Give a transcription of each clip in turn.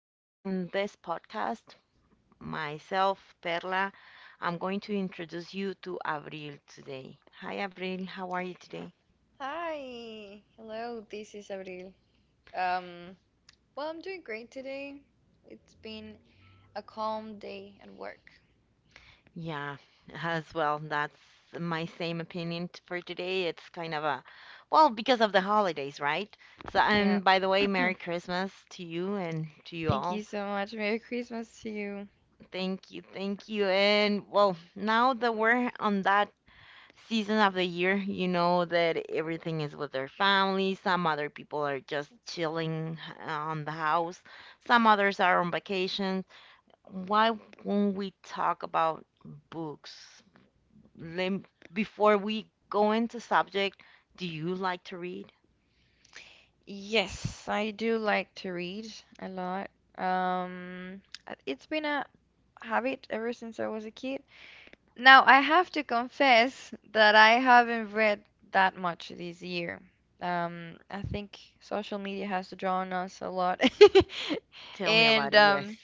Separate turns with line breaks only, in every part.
where in this podcast, myself, Perla, I'm going to introduce you to Avril today. Hi Avril, how are you today?
Hi, hello, this is Abril. Um, well, I'm doing great today. It's been a calm day at work.
Yeah, as well, that's my same opinion for today. It's kind of a, well, because of the holidays, right? So,
Yeah,
and by the way, Merry Christmas to you and to you
thank you
all.
so much. Merry Christmas to you.
Thank you, thank you. And well, now that we're on that season of the year. You know that everything is with their family. Some other people are just chilling on the house. Some others are on vacation. Why won't we talk about books? Lem- Before we go into subject, do you like to read?
Yes, I do like to read a lot. It's been a habit ever since I was a kid. Now, I have to confess that I haven't read that much this year. I think social media has drawn us a lot.
Tell me about
And
it. Yes.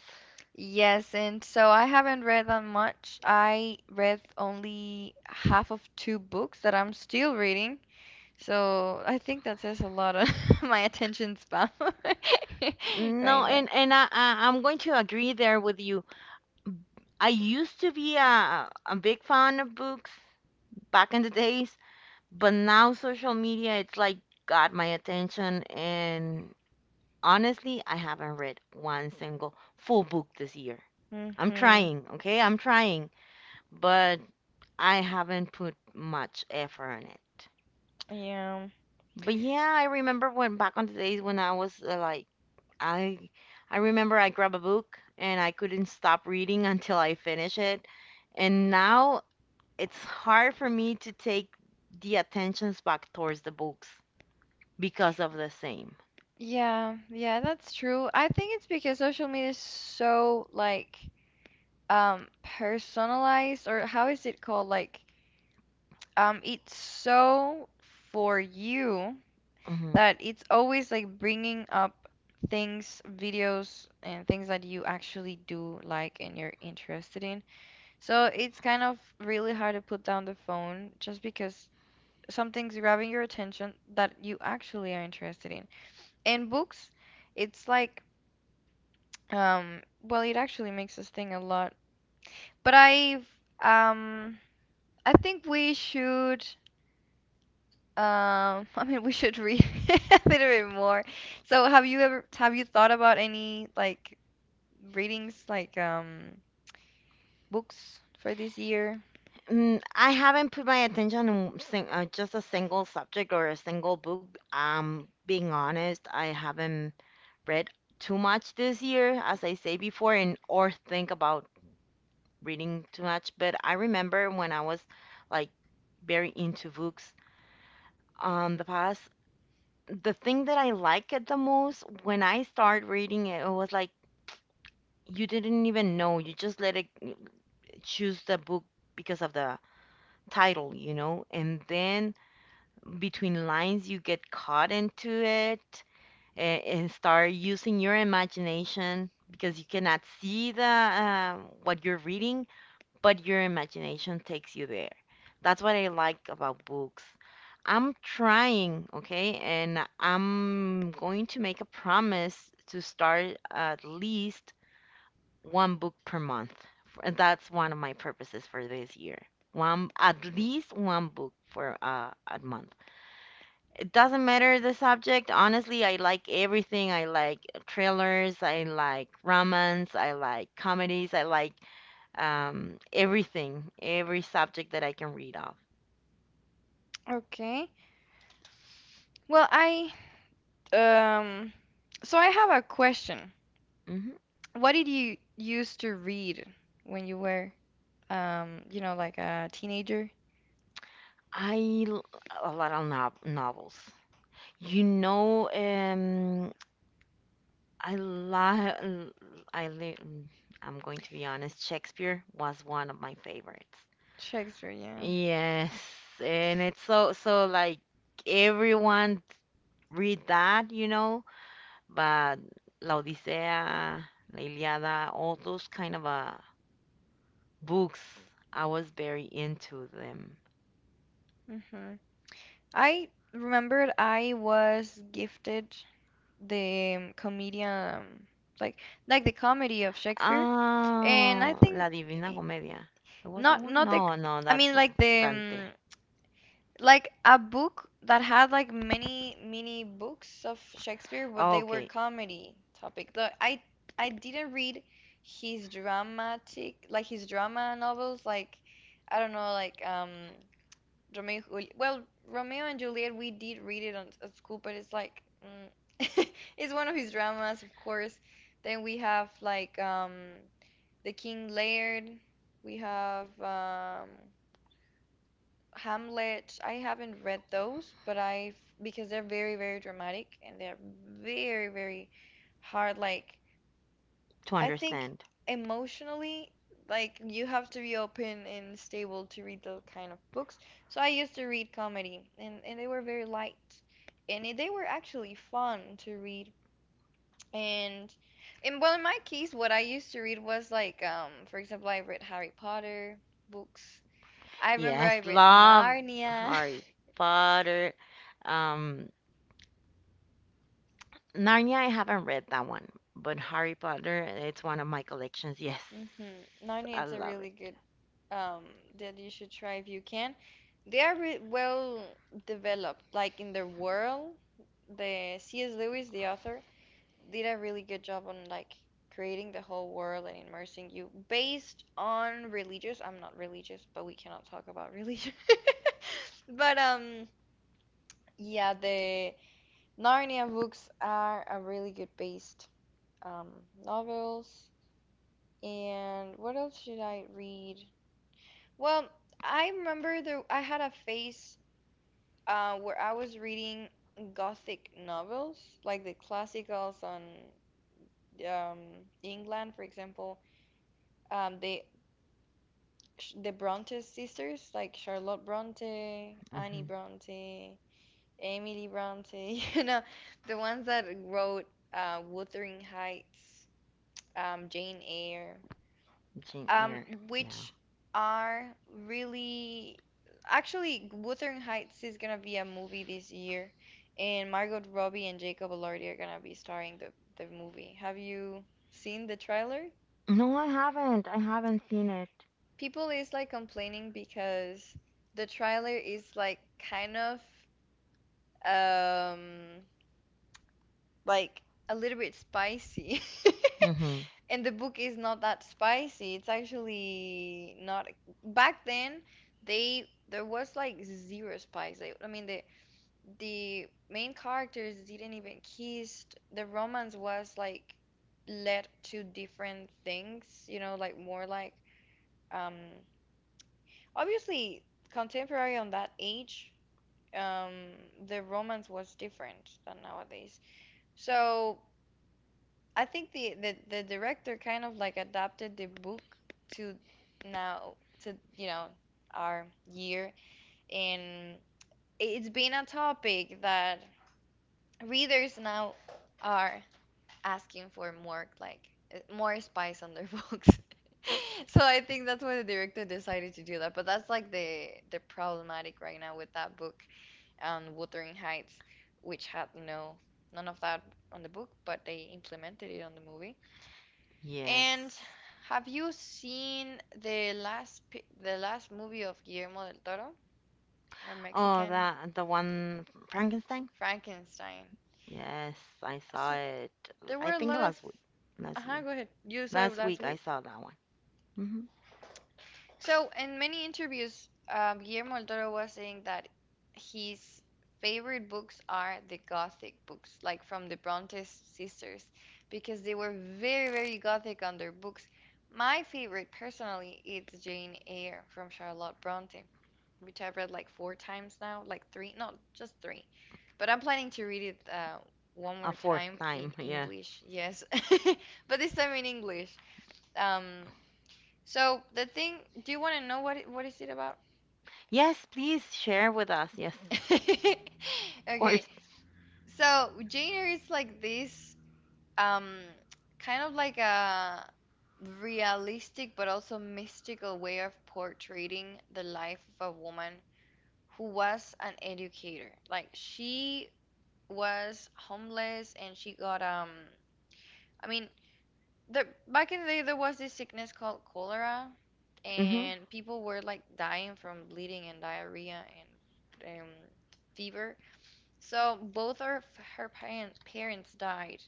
yes, and so I haven't read that much. I read only half of two books that I'm still reading. So I think that says a lot of my attention span right
No,
now.
and I'm going to agree there with you. I used to be a big fan of books back in the days, but now social media, it's like got my attention. And honestly, I haven't read one single full book this year. I'm
Mm-hmm.
trying, okay? I'm trying, but I haven't put much effort on it.
Yeah.
But yeah, I remember when back on the days when I was like, I, I remember I grabbed a book and I couldn't stop reading until I finish it. And now it's hard for me to take the attentions back towards the books because of the same.
Yeah, yeah, that's true. I think it's because social media is so like personalized, or how is it called? Like, it's so for you
Mhm.
that it's always like bringing up things, videos and things that you actually do like and you're interested in. So it's kind of really hard to put down the phone just because something's grabbing your attention that you actually are interested in. And books, it's like well, it actually makes us think a lot. But I've, um, I think we should, um, I mean, we should read a little bit more. So, have you thought about any like readings, like books for this year?
Mm, I haven't put my attention on sing just a single subject or a single book. Being honest, I haven't read too much this year, as I say before, and or think about reading too much. But I remember when I was like very into books the past, the thing that I liked it the most when I start reading it, it was like you didn't even know. You just let it choose the book because of the title, you know, and then between lines you get caught into it and start using your imagination because you cannot see the what you're reading but your imagination takes you there. That's what I like about books. I'm trying, okay, and I'm going to make a promise to start at least one book per month, and that's one of my purposes for this year. One, at least one book for a month. Doesn't matter the subject. Honestly, I like everything. I like thrillers. I like romance. I like comedies. I like everything, every subject that I can read of.
Okay. Well, I, um, so I have a question.
Hmm.
What did you used to read when you were, you know, like a teenager?
I l- a lot of novels. You know, I love. I li- I'm going to be honest. Shakespeare was one of my favorites.
Shakespeare, yeah.
Yes, and it's so so like everyone read that, you know. But *La Odisea*, La Iliada, all those kind of books, I was very into them.
Hmm. I remembered I was gifted the comedian, like like the comedy of Shakespeare, and I
Oh,
think
La Divina
eh,
Comedia. It was that
not
one?
not the,
No, no,
I
that's
mean
not
like the
Dante.
like a book that had like many books of Shakespeare, but they were
Okay,
comedy topic. The, I didn't read his dramatic, like his drama novels, like I don't know, like Romeo and Juliet. Well, Romeo and Juliet, we did read it on, at school, but it's like it's one of his dramas, of course. Then we have like, The King Lear. We have, Hamlet. I haven't read those, but I've because they're very, very dramatic and they're very, very hard. Like,
to
I think
understand.
emotionally, like you have to be open and stable to read those kind of books. So I used to read comedy, and they were very light, and they were actually fun to read. And and well, in my case, what I used to read was like, for example, I read Harry Potter books. I remember I
Yes,
read
love
Narnia.
Harry Potter. Um, Narnia, I haven't read that one, but Harry Potter, it's one of my collections. Yes,
Mm-hmm. Narnia,
I
it's a
love
really
it.
good um that you should try if you can. They are re well developed, like in the world. The C.S. Lewis, the author, did a really good job on like creating the whole world and immersing you based on religious. I'm not religious, but we cannot talk about religion. But yeah, the Narnia books are a really good based um novels. And what else should I read? Well, I remember there I had a phase where I was reading gothic novels, like the classicals on, um, England, for example. The the Bronte sisters, like Charlotte Bronte, Annie
Hmm.
Bronte, Emily Bronte, you know, the ones that wrote Wuthering Heights, Jane Eyre.
Jane
um,
Eyre, yeah.
which are really, actually Wuthering Heights is gonna be a movie this year, and Margot Robbie and Jacob Elordi are gonna be starring the movie. Have you seen the trailer?
No, I haven't. I haven't seen it.
People is like complaining because the trailer is like kind of um like a little bit spicy.
Mm-hmm.
And the book is not that spicy. It's actually not. Back then, they there was like zero spice. They, I mean, the main characters didn't even kiss. The romance was like led to different things. You know, like more like, um obviously contemporary on that age. Um, the romance was different than nowadays. So I think the director kind of like adapted the book to now, to you know, our year, and it's been a topic that readers now are asking for more like, more spice on their books. So I think that's why the director decided to do that. But that's like the problematic right now with that book, Wuthering Heights, which had no, none of that on the book, but they implemented it on the movie.
Yes.
And have you seen the the last movie of Guillermo del Toro, our
Oh,
Mexican
that the one Frankenstein?
Frankenstein?
Yes, I
S
saw it.
There
I
were a
think
lot of.
last week, last
Uh-huh,
year,
go ahead. You saw it
last
last
week I
week?
saw that one. Mm-hmm.
So, in many interviews, Guillermo del Toro was saying that his favorite books are the Gothic books, like from the Bronte sisters, because they were very, very Gothic on their books. My favorite, personally, is Jane Eyre from Charlotte Bronte, which I've read like 4 times now, like three, no, just three. But I'm planning to read it one
A
more
fourth
time in
time, yeah.
English, yes, but this time in English. Um, so the thing, do you want to know what is it about?
Yes, please share with us. Yes, of
Okay.
course.
So Jane Eyre is like this um kind of like a realistic but also mystical way of portraying the life of a woman who was an educator. Like she was homeless and she got I mean, there, back in the day, there was this sickness called cholera,
Mm-hmm.
and people were like dying from bleeding and diarrhea and, fever. So both her parents died,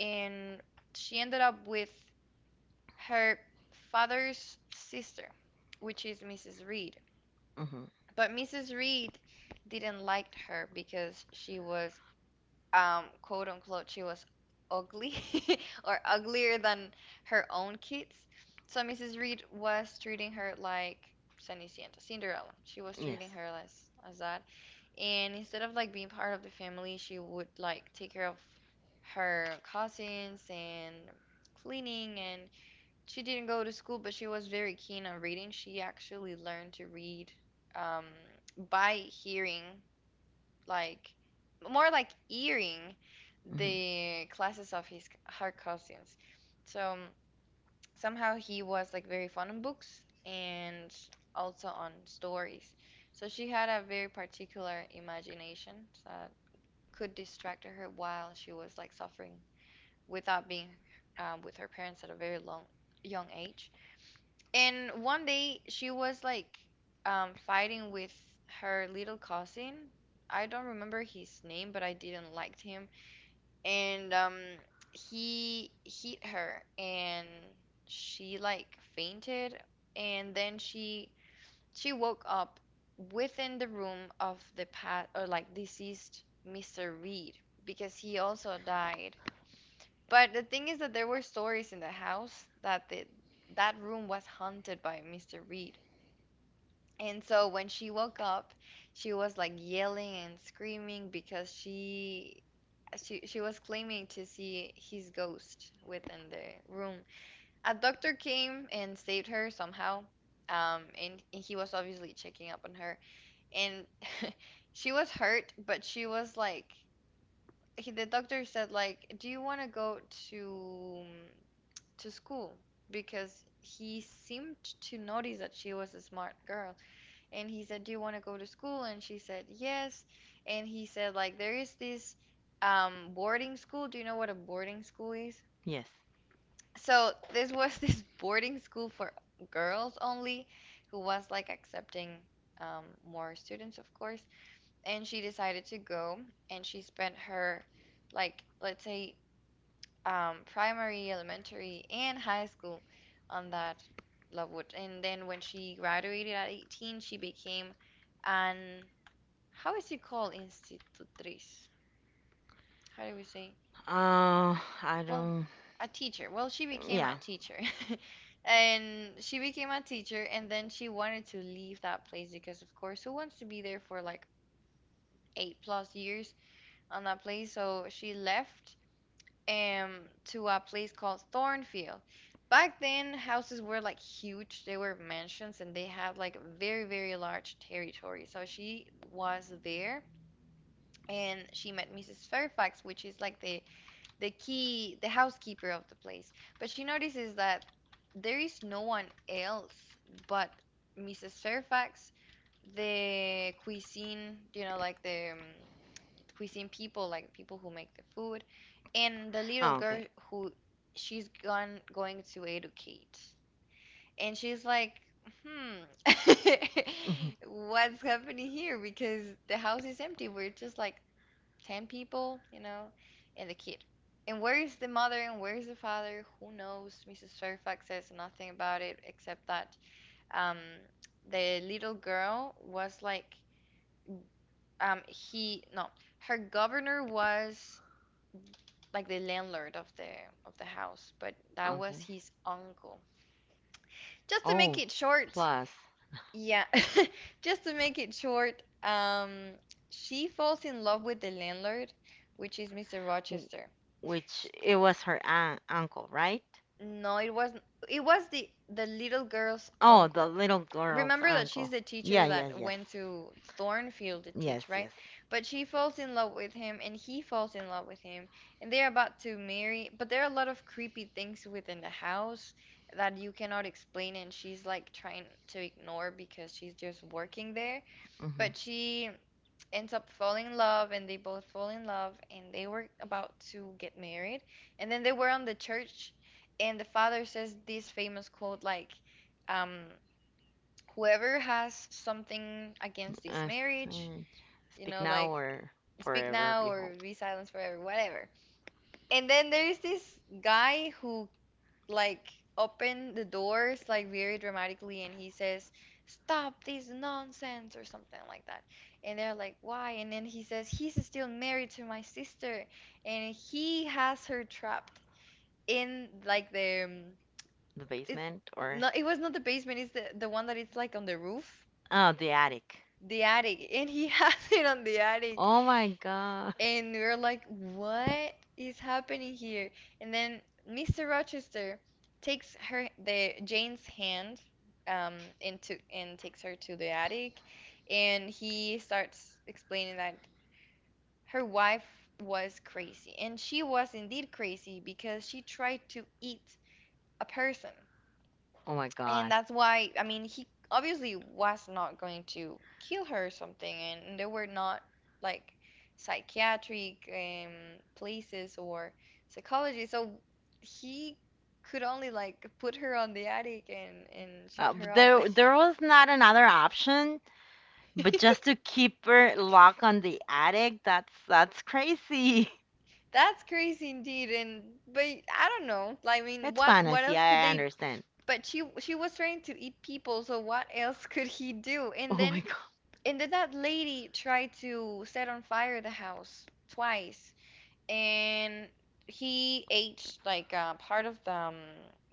and she ended up with her father's sister, which is Mrs. Reed.
Mm-hmm.
But Mrs. Reed didn't like her because she was, quote unquote, she was ugly or uglier than her own kids. So Mrs. Reed was treating her like Cenicienta, Cinderella. She was treating
Yes.
her as that. And instead of like being part of the family, she would like take care of her cousins and cleaning, and she didn't go to school, but she was very keen on reading. She actually learned to read, um, by hearing, like more like earing
Mm-hmm.
the classes of his her cousins. So somehow he was like very fond on books and also on stories. So she had a very particular imagination that could distract her while she was like suffering without being, with her parents at a very long young age. And one day she was like, fighting with her little cousin. I don't remember his name, but I didn't like him. And he hit her, and she like fainted. And then she woke up within the room of the past or like deceased Mr. Reed, because he also died. But the thing is that there were stories in the house that that room was haunted by Mr. Reed. And so when she woke up, she was like yelling and screaming because she was claiming to see his ghost within the room. A doctor came and saved her somehow. And he was obviously checking up on her. And she was hurt, but she was like the doctor said like, "Do you want to go to to school?" Because he seemed to notice that she was a smart girl, and he said, "Do you want to go to school?" And she said, "Yes." And he said, like, there is this, boarding school. Do you know what a boarding school is?
Yes.
So this was this boarding school for girls only, who was like accepting, more students, of course. And she decided to go, and she spent her, like, let's say, primary, elementary, and high school on that Lovewood. And then when she graduated at 18, she became an, how is it called? Institutriz. How do we say?
Uh, I
Well,
don't.
a teacher. Well, she became
Yeah.
a teacher. And she became a teacher, and then she wanted to leave that place because, of course, who wants to be there for like 8 plus years on that place? So she left um to a place called Thornfield. Back then, houses were like huge. They were mansions and they had like very, very large territory. So she was there and she met Mrs. Fairfax, which is like the key, the housekeeper of the place. But she notices that there is no one else but Mrs. Fairfax, the cuisine, you know, like the, cuisine people, like the people who make the food, and the little
Oh, okay.
girl who she's gone going to educate. And she's like, hmm,
Mm-hmm.
what's happening here? Because the house is empty. We're just like 10 people, you know, and the kid. And where is the mother and where is the father? Who knows? Mrs. Fairfax says nothing about it except that, um, the little girl was like, he, no, her governor was like the landlord of the house, but that was
Okay.
his uncle. Just to make
Oh,
it short,
plus,
yeah, just to make it short, she falls in love with the landlord, which is Mr.
w-
Rochester.
which it was her aunt, uncle, right?
No, it wasn't. It was the little girl's
Oh, the
uncle.
little girl's
Remember that
uncle.
she's the
Yeah,
teacher
yes,
that
yes.
went to Thornfield to
Yes,
teach, right?
yes.
But she falls in love with him, and he falls in love with him, and they're about to marry. But there are a lot of creepy things within the house that you cannot explain, and she's like trying to ignore because she's just working there.
Hmm.
But she ends up falling in love and they both fall in love and they were about to get married, and then they were on the church, and the father says this famous quote, like um whoever has something against this
Uh,
marriage,
snitch. Speak now
like
or
speak
forever
now or
behold.
be silent forever, whatever. And then there's this guy who, like, open the doors like very dramatically, and he says stop this nonsense or something like that, and they're like why, and then he says he's still married to my sister and he has her trapped in like the,
The
it's
basement or
it was not the basement, it's the one that it's like on the roof,
oh, the attic.
the attic. And he has it on the attic,
Oh my god.
and we are like, what is happening here? And then Mr. Rochester takes her the Jane's hand, um into, and takes her to the attic, and he starts explaining that her wife was crazy, and she was indeed crazy because she tried to eat a person.
Oh my
And
god.
that's why, I mean, he obviously was not going to kill her or something, and they were not like psychiatric places or psychology. So he could only like put her on the attic and shut her
But
off.
there, there was not another option, but just to keep her locked on the attic. That's crazy.
That's crazy indeed. And but I don't know. I mean,
It's
what
fantasy.
else could
I
they?
understand.
But she was trying to eat people, so what else could he do? And
Oh my
then that lady tried to set on fire the house twice, and he ate like part of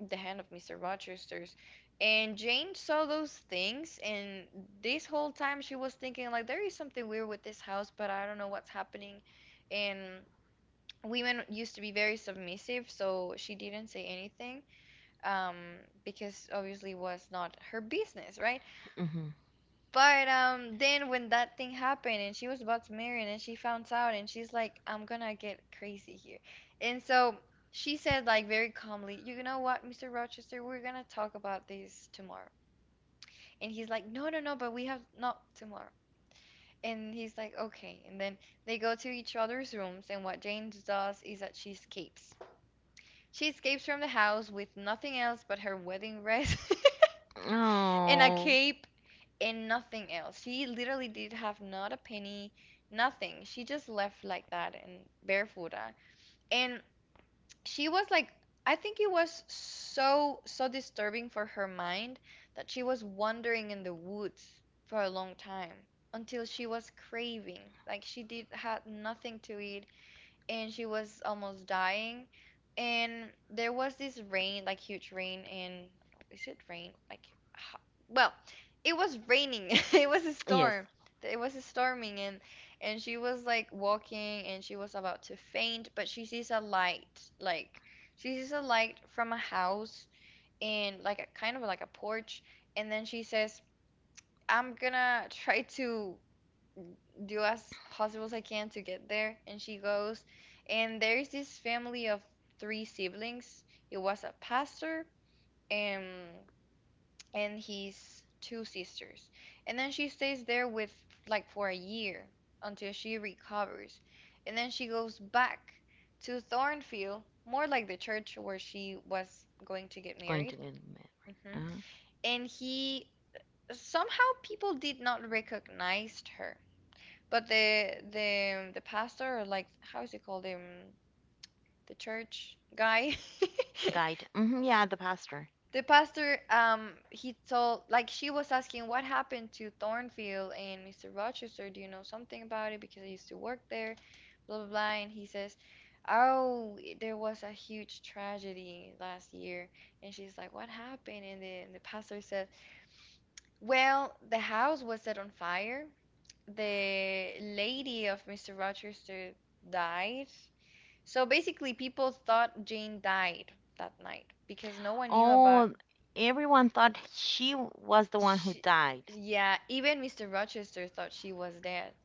the hand of Mr. Rochester's. And Jane saw those things, and this whole time she was thinking like there is something weird with this house, but I don't know what's happening. And women used to be very submissive, so she didn't say anything, um, because obviously was not her business, right?
god. Hmm.
But then when that thing happened and she was about to marry and she found out and she's like, I'm gonna get crazy here. And so she said, like very calmly, you know what, Mr. Rochester, we're gonna talk about this tomorrow. And he's like, no, no, no, but we have not tomorrow. And he's like, okay. And then they go to each other's rooms, and what Jane does is that she escapes. She escapes from the house with nothing else but her wedding dress and a
Oh
cape and nothing else. She literally did have not a penny, nothing. She just left like that and barefooted. And she was like, I think it was so, so disturbing for her mind that she was wandering in the woods for a long time until she was craving. Like she did had nothing to eat and she was almost dying. And there was this rain, like huge rain, and is it rain? Like, ho- well, it was raining. It was a
yes,
storm. It was storming, and she was like walking, and she was about to faint, but she sees a light, like she sees a light from a house, and like a kind of like a porch, and then she says, "I'm gonna try to do as possible as I can to get there." And she goes, and there is this family of three siblings. It was a pastor and his two sisters. And then she stays there with, like, for a year, until she recovers. And then she goes back to Thornfield, more like the church where she was going to get
going
married.
to the
Hmm.
med.
And he somehow people did not recognize her. But the pastor, or like how is it called, the church guy,
Guide. Hmm, yeah, the pastor.
the pastor, he told, like, she was asking what happened to Thornfield and Mr. Rochester. Do you know something about it? Because I used to work there, blah blah blah. And he says, oh, there was a huge tragedy last year. And she's like, what happened? And the pastor said, well, the house was set on fire, the lady of Mr. Rochester died. So basically, people thought Jane died that night because no one knew about
Oh, everyone thought she was the one who
she.
died.
Yeah, even Mr. Rochester thought she was dead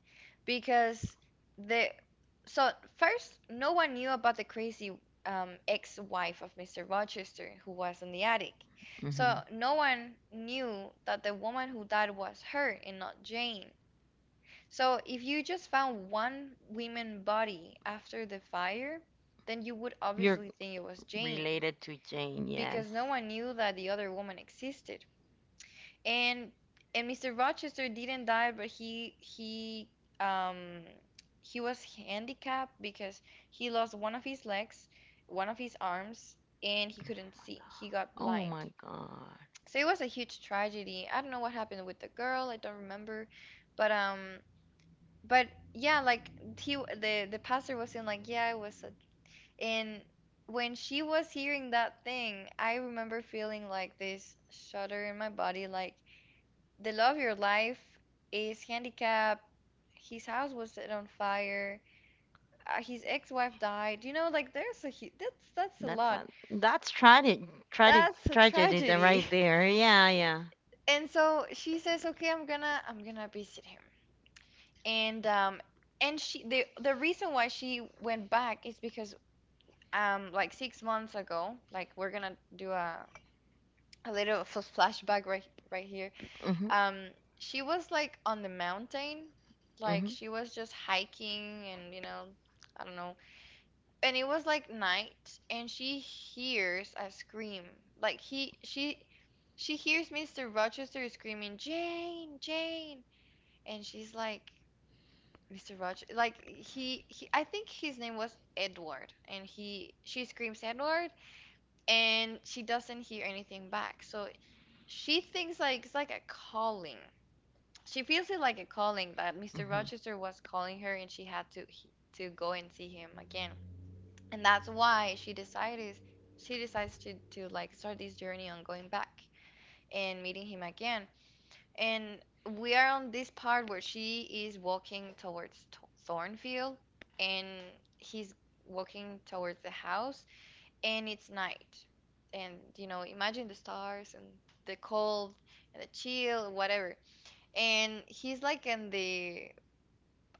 because the so first no one knew about the crazy, ex-wife of Mr. Rochester who was in the attic.
Hmm.
So no one knew that the woman who died was her and not Jane. So if you just found one women body after the fire, then you would
You're
obviously think it was Jane,
related to Jane, yes.
because no one knew that the other woman existed. And Mr. Rochester didn't die, but um he was handicapped because he lost one of his legs, one of his arms, and he couldn't see. He got
Oh
blind.
my God,
So it was a huge tragedy. I don't know what happened with the girl, I don't remember, but yeah, like he the pastor was saying, like, yeah, I was a, and when she was hearing that thing, I remember feeling like this shudder in my body, like the love of your life is handicapped. His house was set on fire. His ex-wife died. You know, like there's a that's a
that's
lot.
a, that's tragedy, tragedy,
That's a
tragedy, there-
tragedy.
right there. Yeah, yeah.
And so she says, "Okay, I'm gonna visit him." And um and she the reason why she went back is because like 6 months ago, like we're gonna do a little flashback right here,
Hmm.
um she was like on the mountain, like
Hmm.
she was just hiking, and I don't know, and it was like night, and she hears a scream, like he she hears Mr. Rochester screaming Jane Jane, and she's like Mr. Rochester. Like I think his name was Edward, and she screams Edward, and she doesn't hear anything back. So she thinks like it's like a calling. She feels it like a calling that Mr.
Hmm.
Rochester was calling her and she had to go and see him again. And that's why she decides to like start this journey on going back and meeting him again. And we are on this part where she is walking towards Thornfield, and he's walking towards the house, and it's night. And, you know, imagine the stars and the cold and the chill, whatever. And he's like in the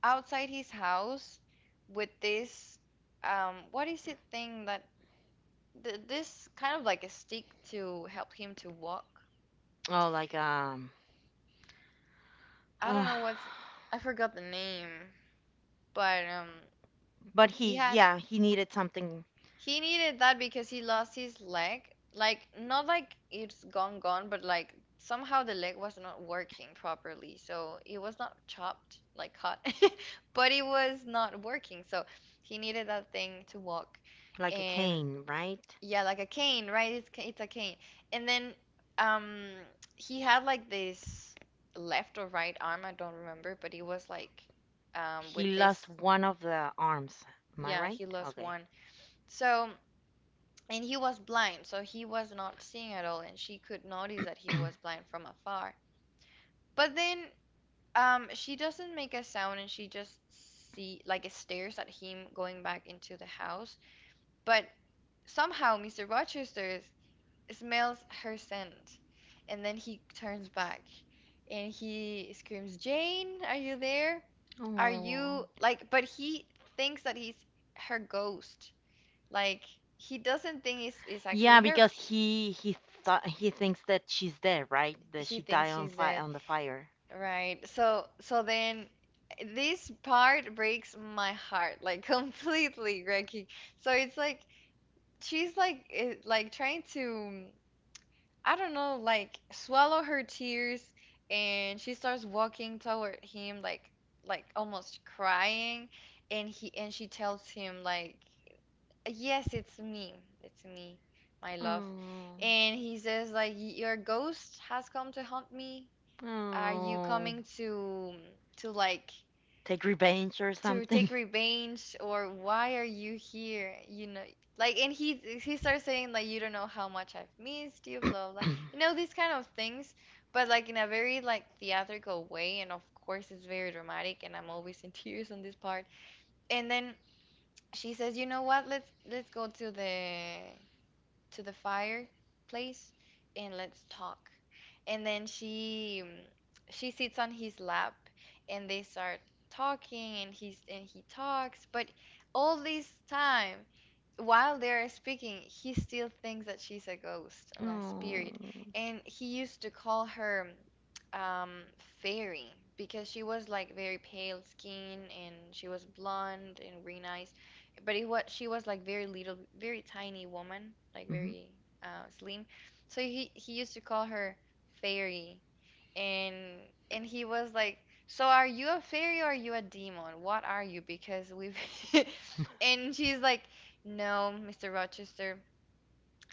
outside his house with this, what is it thing that th this kind of like a stick to help him to walk.
Oh, like
I don't
uh,
know what's I forgot the name, but
but
he
he,
had
yeah, he needed something
He needed that because he lost his leg. Like, not like it's gone, gone, but like somehow the leg was not working properly. So it was not chopped, like cut, but it was not working. So he needed that thing to walk.
like a
And
cane, right?
yeah, like a cane, right? It's, it's a cane. And then um, he had like this left or right arm, I don't remember, but he was like,
He
with
lost
this.
one of the arms. Am I
Yeah,
right?
he lost
Okay.
one. So. And he was blind, so he was not seeing at all, and she could notice that he was blind from afar. But then she doesn't make a sound and she just see like stares at him going back into the house. But somehow Mr. Rochester smells her scent, and then he turns back and he screams, "Jane, are you there? Are you
Oh.
like?" But he thinks that he's her ghost. Like he doesn't think it's actually
Yeah,
her.
because he thought he thinks that she's dead, right? That
He
she
thinks
died on
she's
fire
dead.
on the fire.
Right. So then this part breaks my heart like completely, Greggy. So it's like she's like it, like trying to, I don't know, like swallow her tears, and she starts walking toward him, like almost crying, and he and she tells him, like, yes, it's me. It's me, my love.
Oh,
And he says, like, your ghost has come to haunt me, are you
oh,
coming to like
take revenge or
to take
something.
revenge, or why are you here? You know, like, and he starts saying like you don't know how much I've missed you, blah blah.
oh,
You know these kind of things, but like in a very like theatrical way, and of course it's very dramatic, and I'm always in tears on this part. And then she says, you know what? Let's go to the fireplace and let's talk. And then she she sits on his lap and they start talking and he talks, but all this time while they're speaking, he still thinks that she's a ghost and a spirit. And he used to call her um, fairy, because she was like very pale skin and she was blonde and green eyes, but it was she was like very little, very tiny woman, like
Mhm.
very slim. So he used to call her fairy, and he was like, "So are you a fairy or are you a demon? What are you? Because we've" and she's like, "No, Mr. Rochester,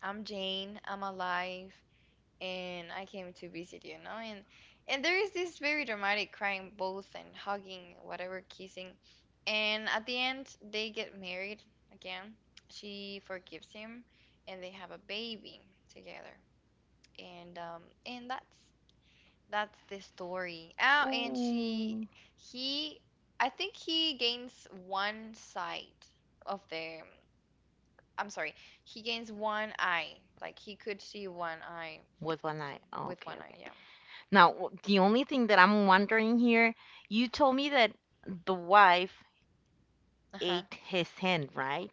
I'm Jane. I'm alive and I came to visit you, know," and there is this very dramatic crying both and hugging, whatever, kissing, and at the end they get married again. She forgives him, and they have a baby together, and that's the story. Oh, and she
oh,
he, I think he gains one side of the, I'm sorry, he gains one eye, like he could see one eye,
with one eye.
so
Oh,
with
okay,
one eye,
okay.
yeah.
Now the only thing that I'm wondering here, you told me that the wife
Uh-huh.
ate his hand, right?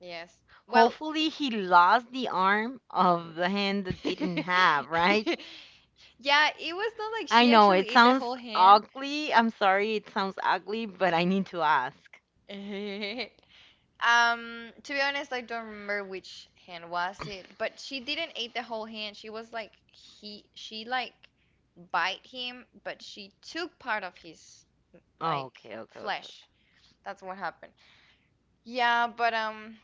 Yes. Well,
Hopefully he lost the arm of the hand that didn't
yeah,
have, right?
it was not like
I
she
know it
actually ate the whole
sounds
hand.
ugly. I'm sorry it sounds ugly, but I need to ask.
To be honest, I don't remember which hand was it, but she didn't eat the whole hand. She was like he she like bite him, but she took part of his,
Oh,
like,
okay, okay, okay. Okay.
flesh. That's what happened. Yeah, but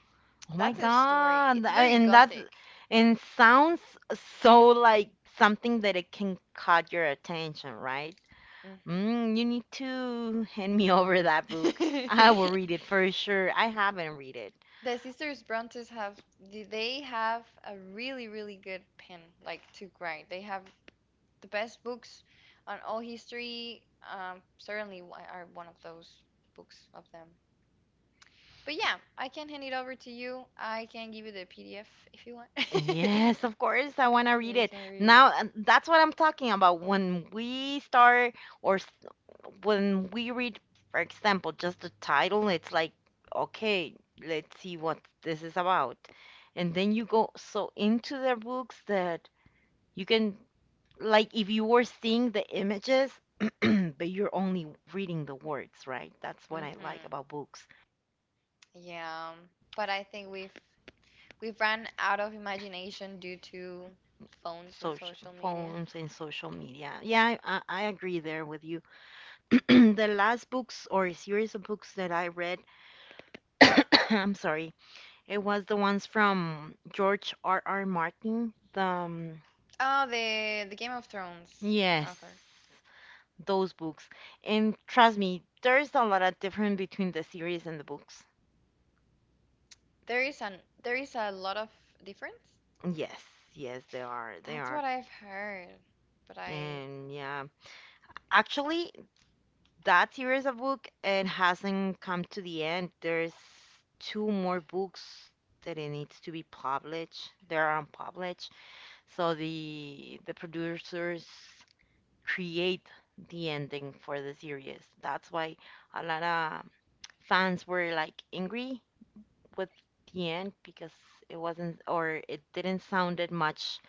Oh my
that's a story.
God.
It's
I-
very
And that's
gothic.
and sounds so like something that it can caught your attention, right? Mm, you need to hand me over that book.
Hmm
I will read it for sure. I haven't read it.
The sisters Brontes have they have a really really good pen, like, to grind. They have the best books on all history. Certainly one- are one of those books of them. But yeah, I can hand it over to you. I can give you the PDF if you want.
Yes, of course, I want to
Then
read
you
it.
can read it.
Now, and that's what I'm talking about. When we start, or s- when we read, for example, just the title, it's like, okay, let's see what this is about. And then you go so into the books that you can, like, if you were seeing the images, but you're only reading the words, right? That's what I like
Hmm
about books,
Yeah, but I think we've run out of imagination due to phones and
social
social media.
phones, and social media. Yeah, I agree there with you. The last books or series of books that I read, I'm sorry, it was the ones from George R. R. Martin. The
Oh, the Game of Thrones
yes,
author.
those books. And trust me, there's a lot of difference between the series and the books.
There is an there is a lot of difference.
Yes, yes, they are. They
That's what
are.
I've heard. But I
And yeah, actually, that series of book it hasn't come to the end. There's two more books that it needs to be published. They're unpublished. So the producers create the ending for the series. That's why a lot of fans were like angry with the end because it wasn't or it didn't sounded much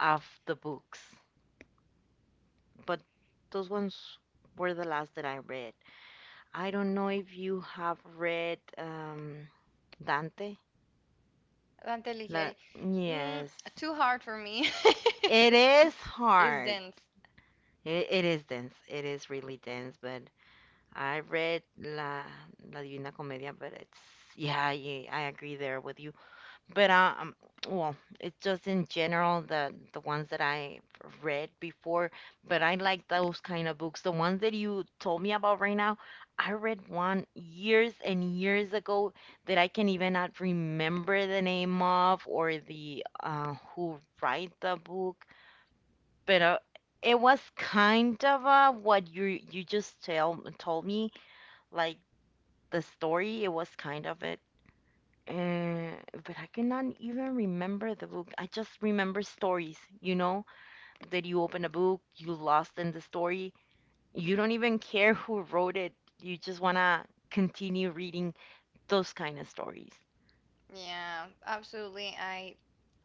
of the books. But those ones were the last that I read. I don't know if you have read Dante.
Dante
La-
Alighieri, mm,
yes,
too hard for me.
it is
Is
hard.
dense.
It is dense. It is really dense, but I read La, La Divina Comedia, but it's yeah, I agree there with you. But well, it's just in general the ones that I read before. But I like those kind of books. The ones that you told me about right now, I read one years and years ago that I can even not remember the name of or the who write the book. But it was kind of what you just tell told me like the story it was kind of it uh, but I cannot even remember the book. I just remember stories, you know, that you open a book you lost in the story. You don't even care who wrote it. You just want to continue reading those kind of stories.
Yeah, absolutely. I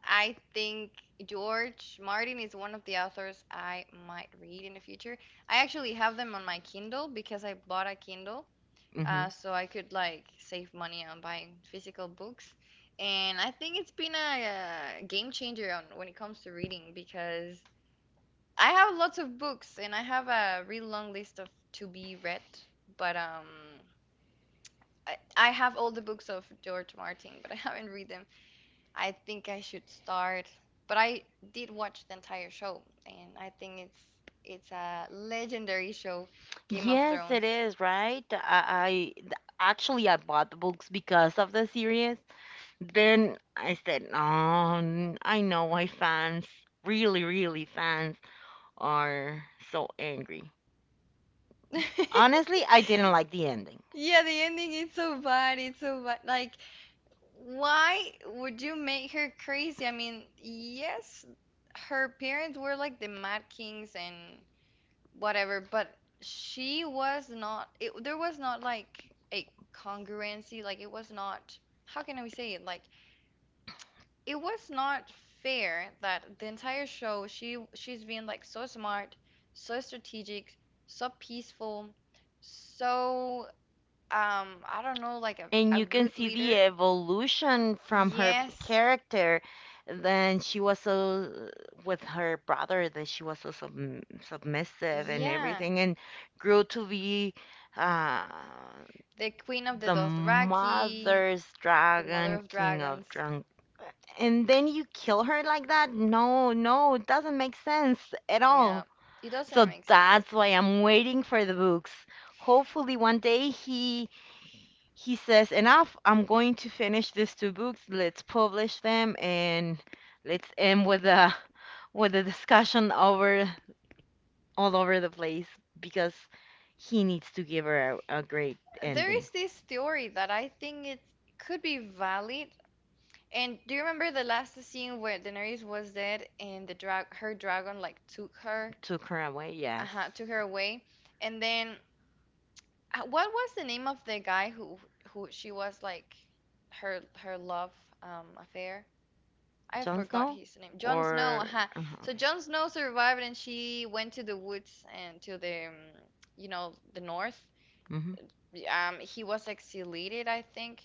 I think George Martin is one of the authors I might read in the future. I actually have them on my Kindle because I bought a Kindle,
Hmm.
so I could like save money on buying physical books. And I think it's been a, game changer on when it comes to reading because I have lots of books and I have a really long list of to be read, but I have all the books of George Martin, but I haven't read them. I think I should start, but I did watch the entire show and I think it's a legendary show, Game of
Yes it
Thrones.
is right. I th- Actually I bought the books because of the series, then I said oh, I know why fans really really fans are so angry. Honestly, I didn't like the ending.
Yeah, the ending is so bad. It's so bad. Like, why would you make her crazy? I mean, yes, her parents were like the Mad Kings and whatever, but she was not, it, there was not like a congruency. Like, it was not, how can I say it? Like, it was not fair that the entire show she's been like so smart, so strategic, so peaceful, so I don't know, like
And
a
you can
good
see the
leader.
evolution from her
Yes,
character. Then she was so, with her brother, that she was so submissive and
yeah.
everything, and grew to be uh,
The Queen of the
the
Dothraki,
mother's
the Mother
dragon,
of
king of
Dragons.
drunk. And then you kill her like that? No, no, it doesn't make sense at
Yeah,
all.
it doesn't
So
make sense.
that's why I'm waiting for the books. Hopefully, one day he says, Enough, I'm going to finish these two books. Let's publish them and let's end with a discussion over all over the place because he needs to give her a great
There
ending.
is this theory that I think it could be valid. And do you remember the last scene where Daenerys was dead and the dragon like took her,
Took her away, yes.
uh-huh, took her away? And then what was the name of the guy who she was like her love affair? I
Jon
forgot
Snow?
his name. Jon Snow.
Or uh-huh,
So Jon Snow survived, and she went to the woods and to the, you know, the north.
okay. Hmm.
He was exiliated, I think.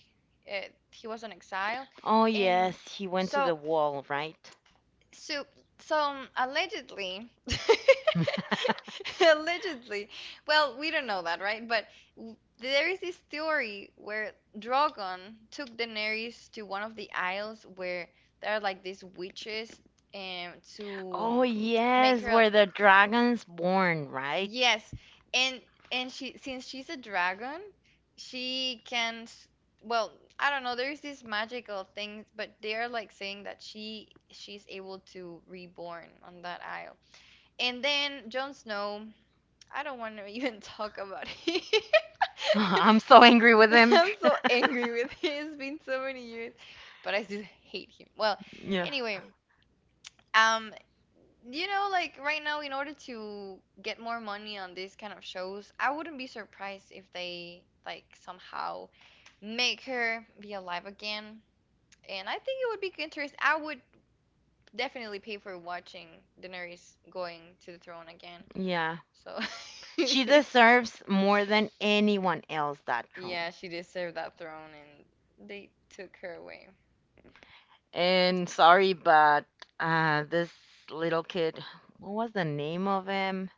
He was on exile,
Oh
and
yes, he went to
so
the wall, right?
so, allegedly, allegedly, well, we don't know that, right? But there is this theory where Drogon took Daenerys to one of the isles where there are like these witches, and to
Oh
make
yes,
her.
where the dragon's born, right?
Yes, and she, since she's a dragon, she can well, I don't know, there's these magical things, but they're like saying that she's able to reborn on that isle. And then Jon Snow, I don't want to even talk about him.
I'm so angry with him.
I'm so angry with him. It's been so many years, but I just hate him. Well,
Yeah.
anyway, um, you know, like right now, in order to get more money on these kind of shows, I wouldn't be surprised if they like somehow make her be alive again. And I think it would be interesting. I would definitely pay for watching Daenerys going to the throne again.
Yeah.
So,
She deserves more than anyone else that throne.
yeah, she deserved that throne, and they took her away.
And sorry, but this little kid, what was the name of him?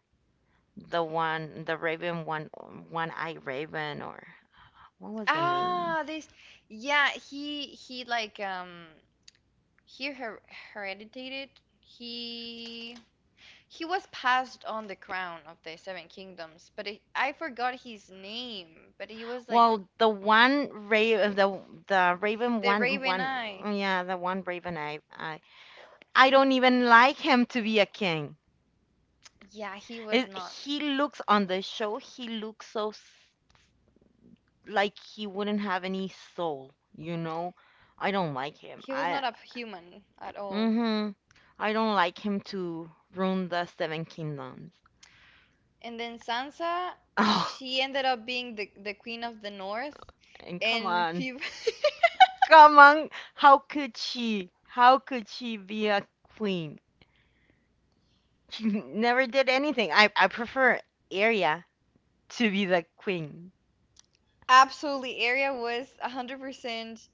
The one, the Raven, one, one eye Raven, or what was the name?
Ah, this, yeah, he like He her heredited. He he was passed on the crown of the Seven Kingdoms, but I forgot his name. But he was like
Well, the one Raven, the Raven,
the
one,
Raven
one,
Eye.
yeah, the one Raven. I don't even like him to be a king.
Yeah, he was
It,
not.
he looks on the show. He looks so like he wouldn't have any soul, you know? I don't like him.
He was
I
not a human at
mm
all.
hmm I don't like him to ruin the Seven Kingdoms.
And then Sansa,
Oh,
she ended up being the Queen of the North,
and come
and
on.
people
Come on. How could she? How could she be a queen? She never did anything. I prefer Arya to be the queen.
absolutely Arya was 100%,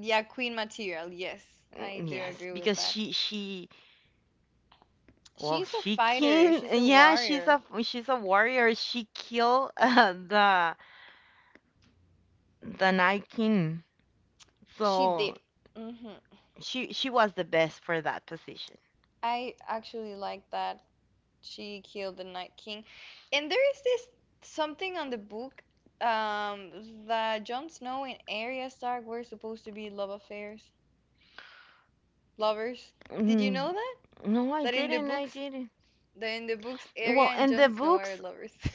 yeah, queen material. Yes, I
Mm,
do
yes,
agree with
because
that.
she well
She's a
she
fighter.
can
She's a
yeah
warrior.
she's a warrior. She killed the Night King.
She
So
did. Hmm
she was the best for that position.
I actually like that she killed the Night King. And there is this something on the book, um that Jon Snow and Arya Stark were supposed to be love affairs, lovers. Did you
Mm,
know that?
no, I
That in the
didn't. I
books,
didn't.
Arya
Well,
and
and
Jon
the
Snow are
books
lovers.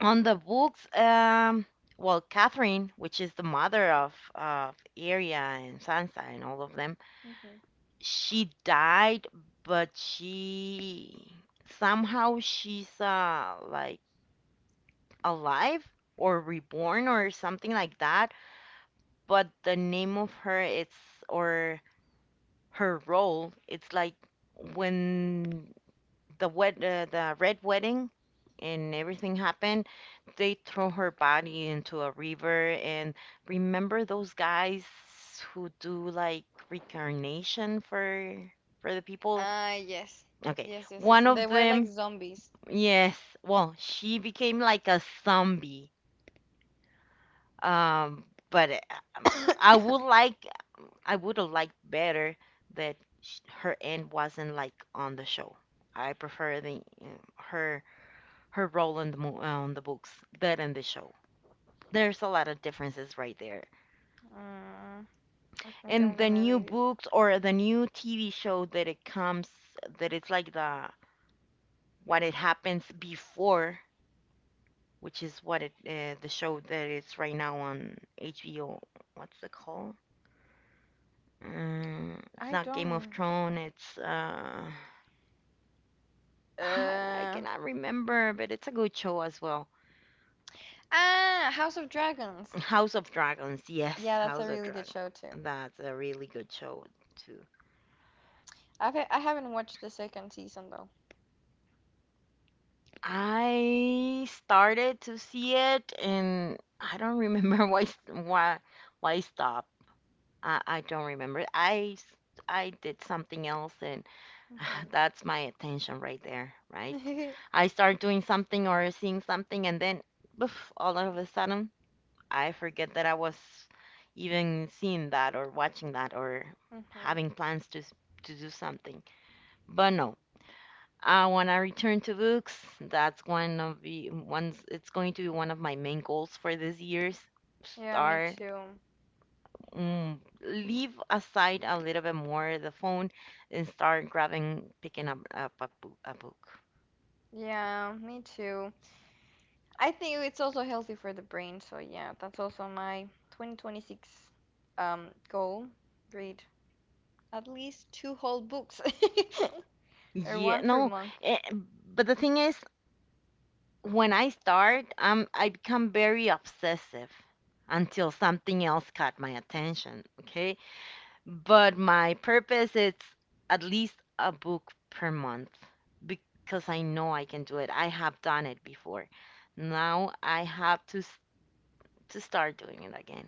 on the books. Well, Catherine, which is the mother of Arya and Sansa and all of them,
Mhm.
she died, but she somehow she's like alive or reborn or something like that. But the name of her it's or her role. It's like when the red wedding and everything happened, they throw her body into a river. And remember those guys who do like reincarnation for the people?
Ah, yes.
Okay,
Yes, yes, yes.
one
And
of
they were like
them,
zombies.
yes. Well, she became like a zombie. Um, but I would like I would have liked better that her end wasn't like on the show. I prefer the her her role in the on the books than in the show. There's a lot of differences right there.
Mm, I think
And
I'm
the
gonna
new
read it.
books or the new TV show that it comes that it's like the what it happens before, which is what it the show that is right now on HBO. What's it called? It's
I
not Game of
don't.
Thrones. I
Uh,
cannot remember, but it's a good show as well.
Ah, House of Dragons.
House of Dragons,
Yeah,
yes,
that's a
House of
really good
Dragons.
show too.
That's a really good show too.
I haven't watched the second season though.
I started to see it, and I don't remember why I stopped. I don't remember. I did something else, and that's my attention right there,
Hmm
right?
hmm
I start doing something or seeing something, and then, boof, all of a sudden, I forget that I was even seeing that or watching that or having to do something. But no, I want to return to books. That's one of the ones. It's going to be one of my main goals for this year's.
Yeah, me
Start,
too.
mm, leave aside a little bit more the phone and start grabbing picking up a, a book.
Yeah, me too. I think it's also healthy for the brain, so yeah, that's also my 2026 goal. Read at least two whole books or
Yeah,
one per
no,
month.
eh, but the thing is, when I start, I become very obsessive until something else caught my attention, okay? But my purpose is at least a book per month because I know I can do it. I have done it before. Now I have to start doing it again.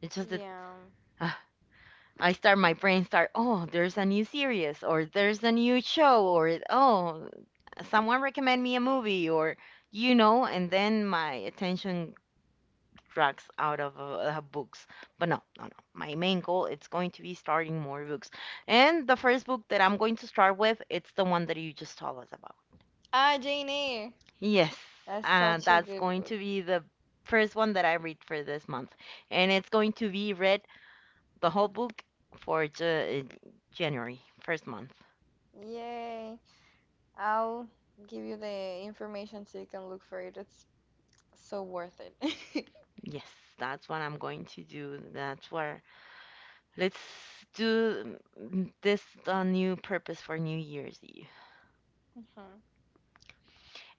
It's just that
Yeah.
uh, I start, my brain start, oh, there's a new series or there's a new show or oh, someone recommend me a movie or you know, and then my attention drugs out of her books. But no, no, no. My main goal it's going to be starting more books. And the first book that I'm going to start with, it's the one that you just told us about.
Ah, Jane Eyre.
Yes,
That's such a
that's
good
going
book.
to be the first one that I read for this month, and it's going to be read the whole book for January first month.
Yay. I'll give you the information so you can look for it. It's so worth it.
Yes, that's what I'm going to do. That's where let's do, mm, this a new purpose for New Year's Eve.
Mm-hmm.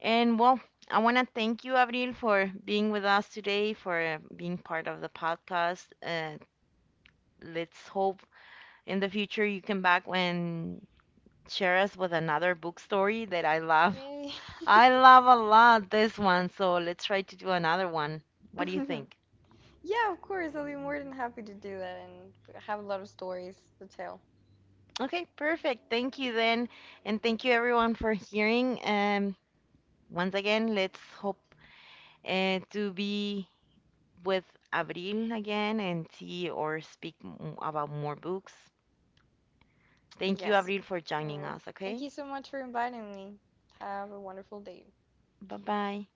And well, I want to thank you, Avril, for being with us today, for being part of the podcast. Let's hope in the future you come back and share us with another book story that I love.
Yay.
I love a lot this one, so let's try to do another one. What do you think?
Yeah, of course. I'll be more than happy to do that and have a lot of stories to tell.
Okay, perfect. Thank you then, and thank you everyone for hearing. Once again, let's hope to be with Abril again and see or speak about more books. Thank you,
Yes.
Abril, for joining
Oh,
us.
thank you
Okay,
so much for inviting me. Have a wonderful day.
bye bye.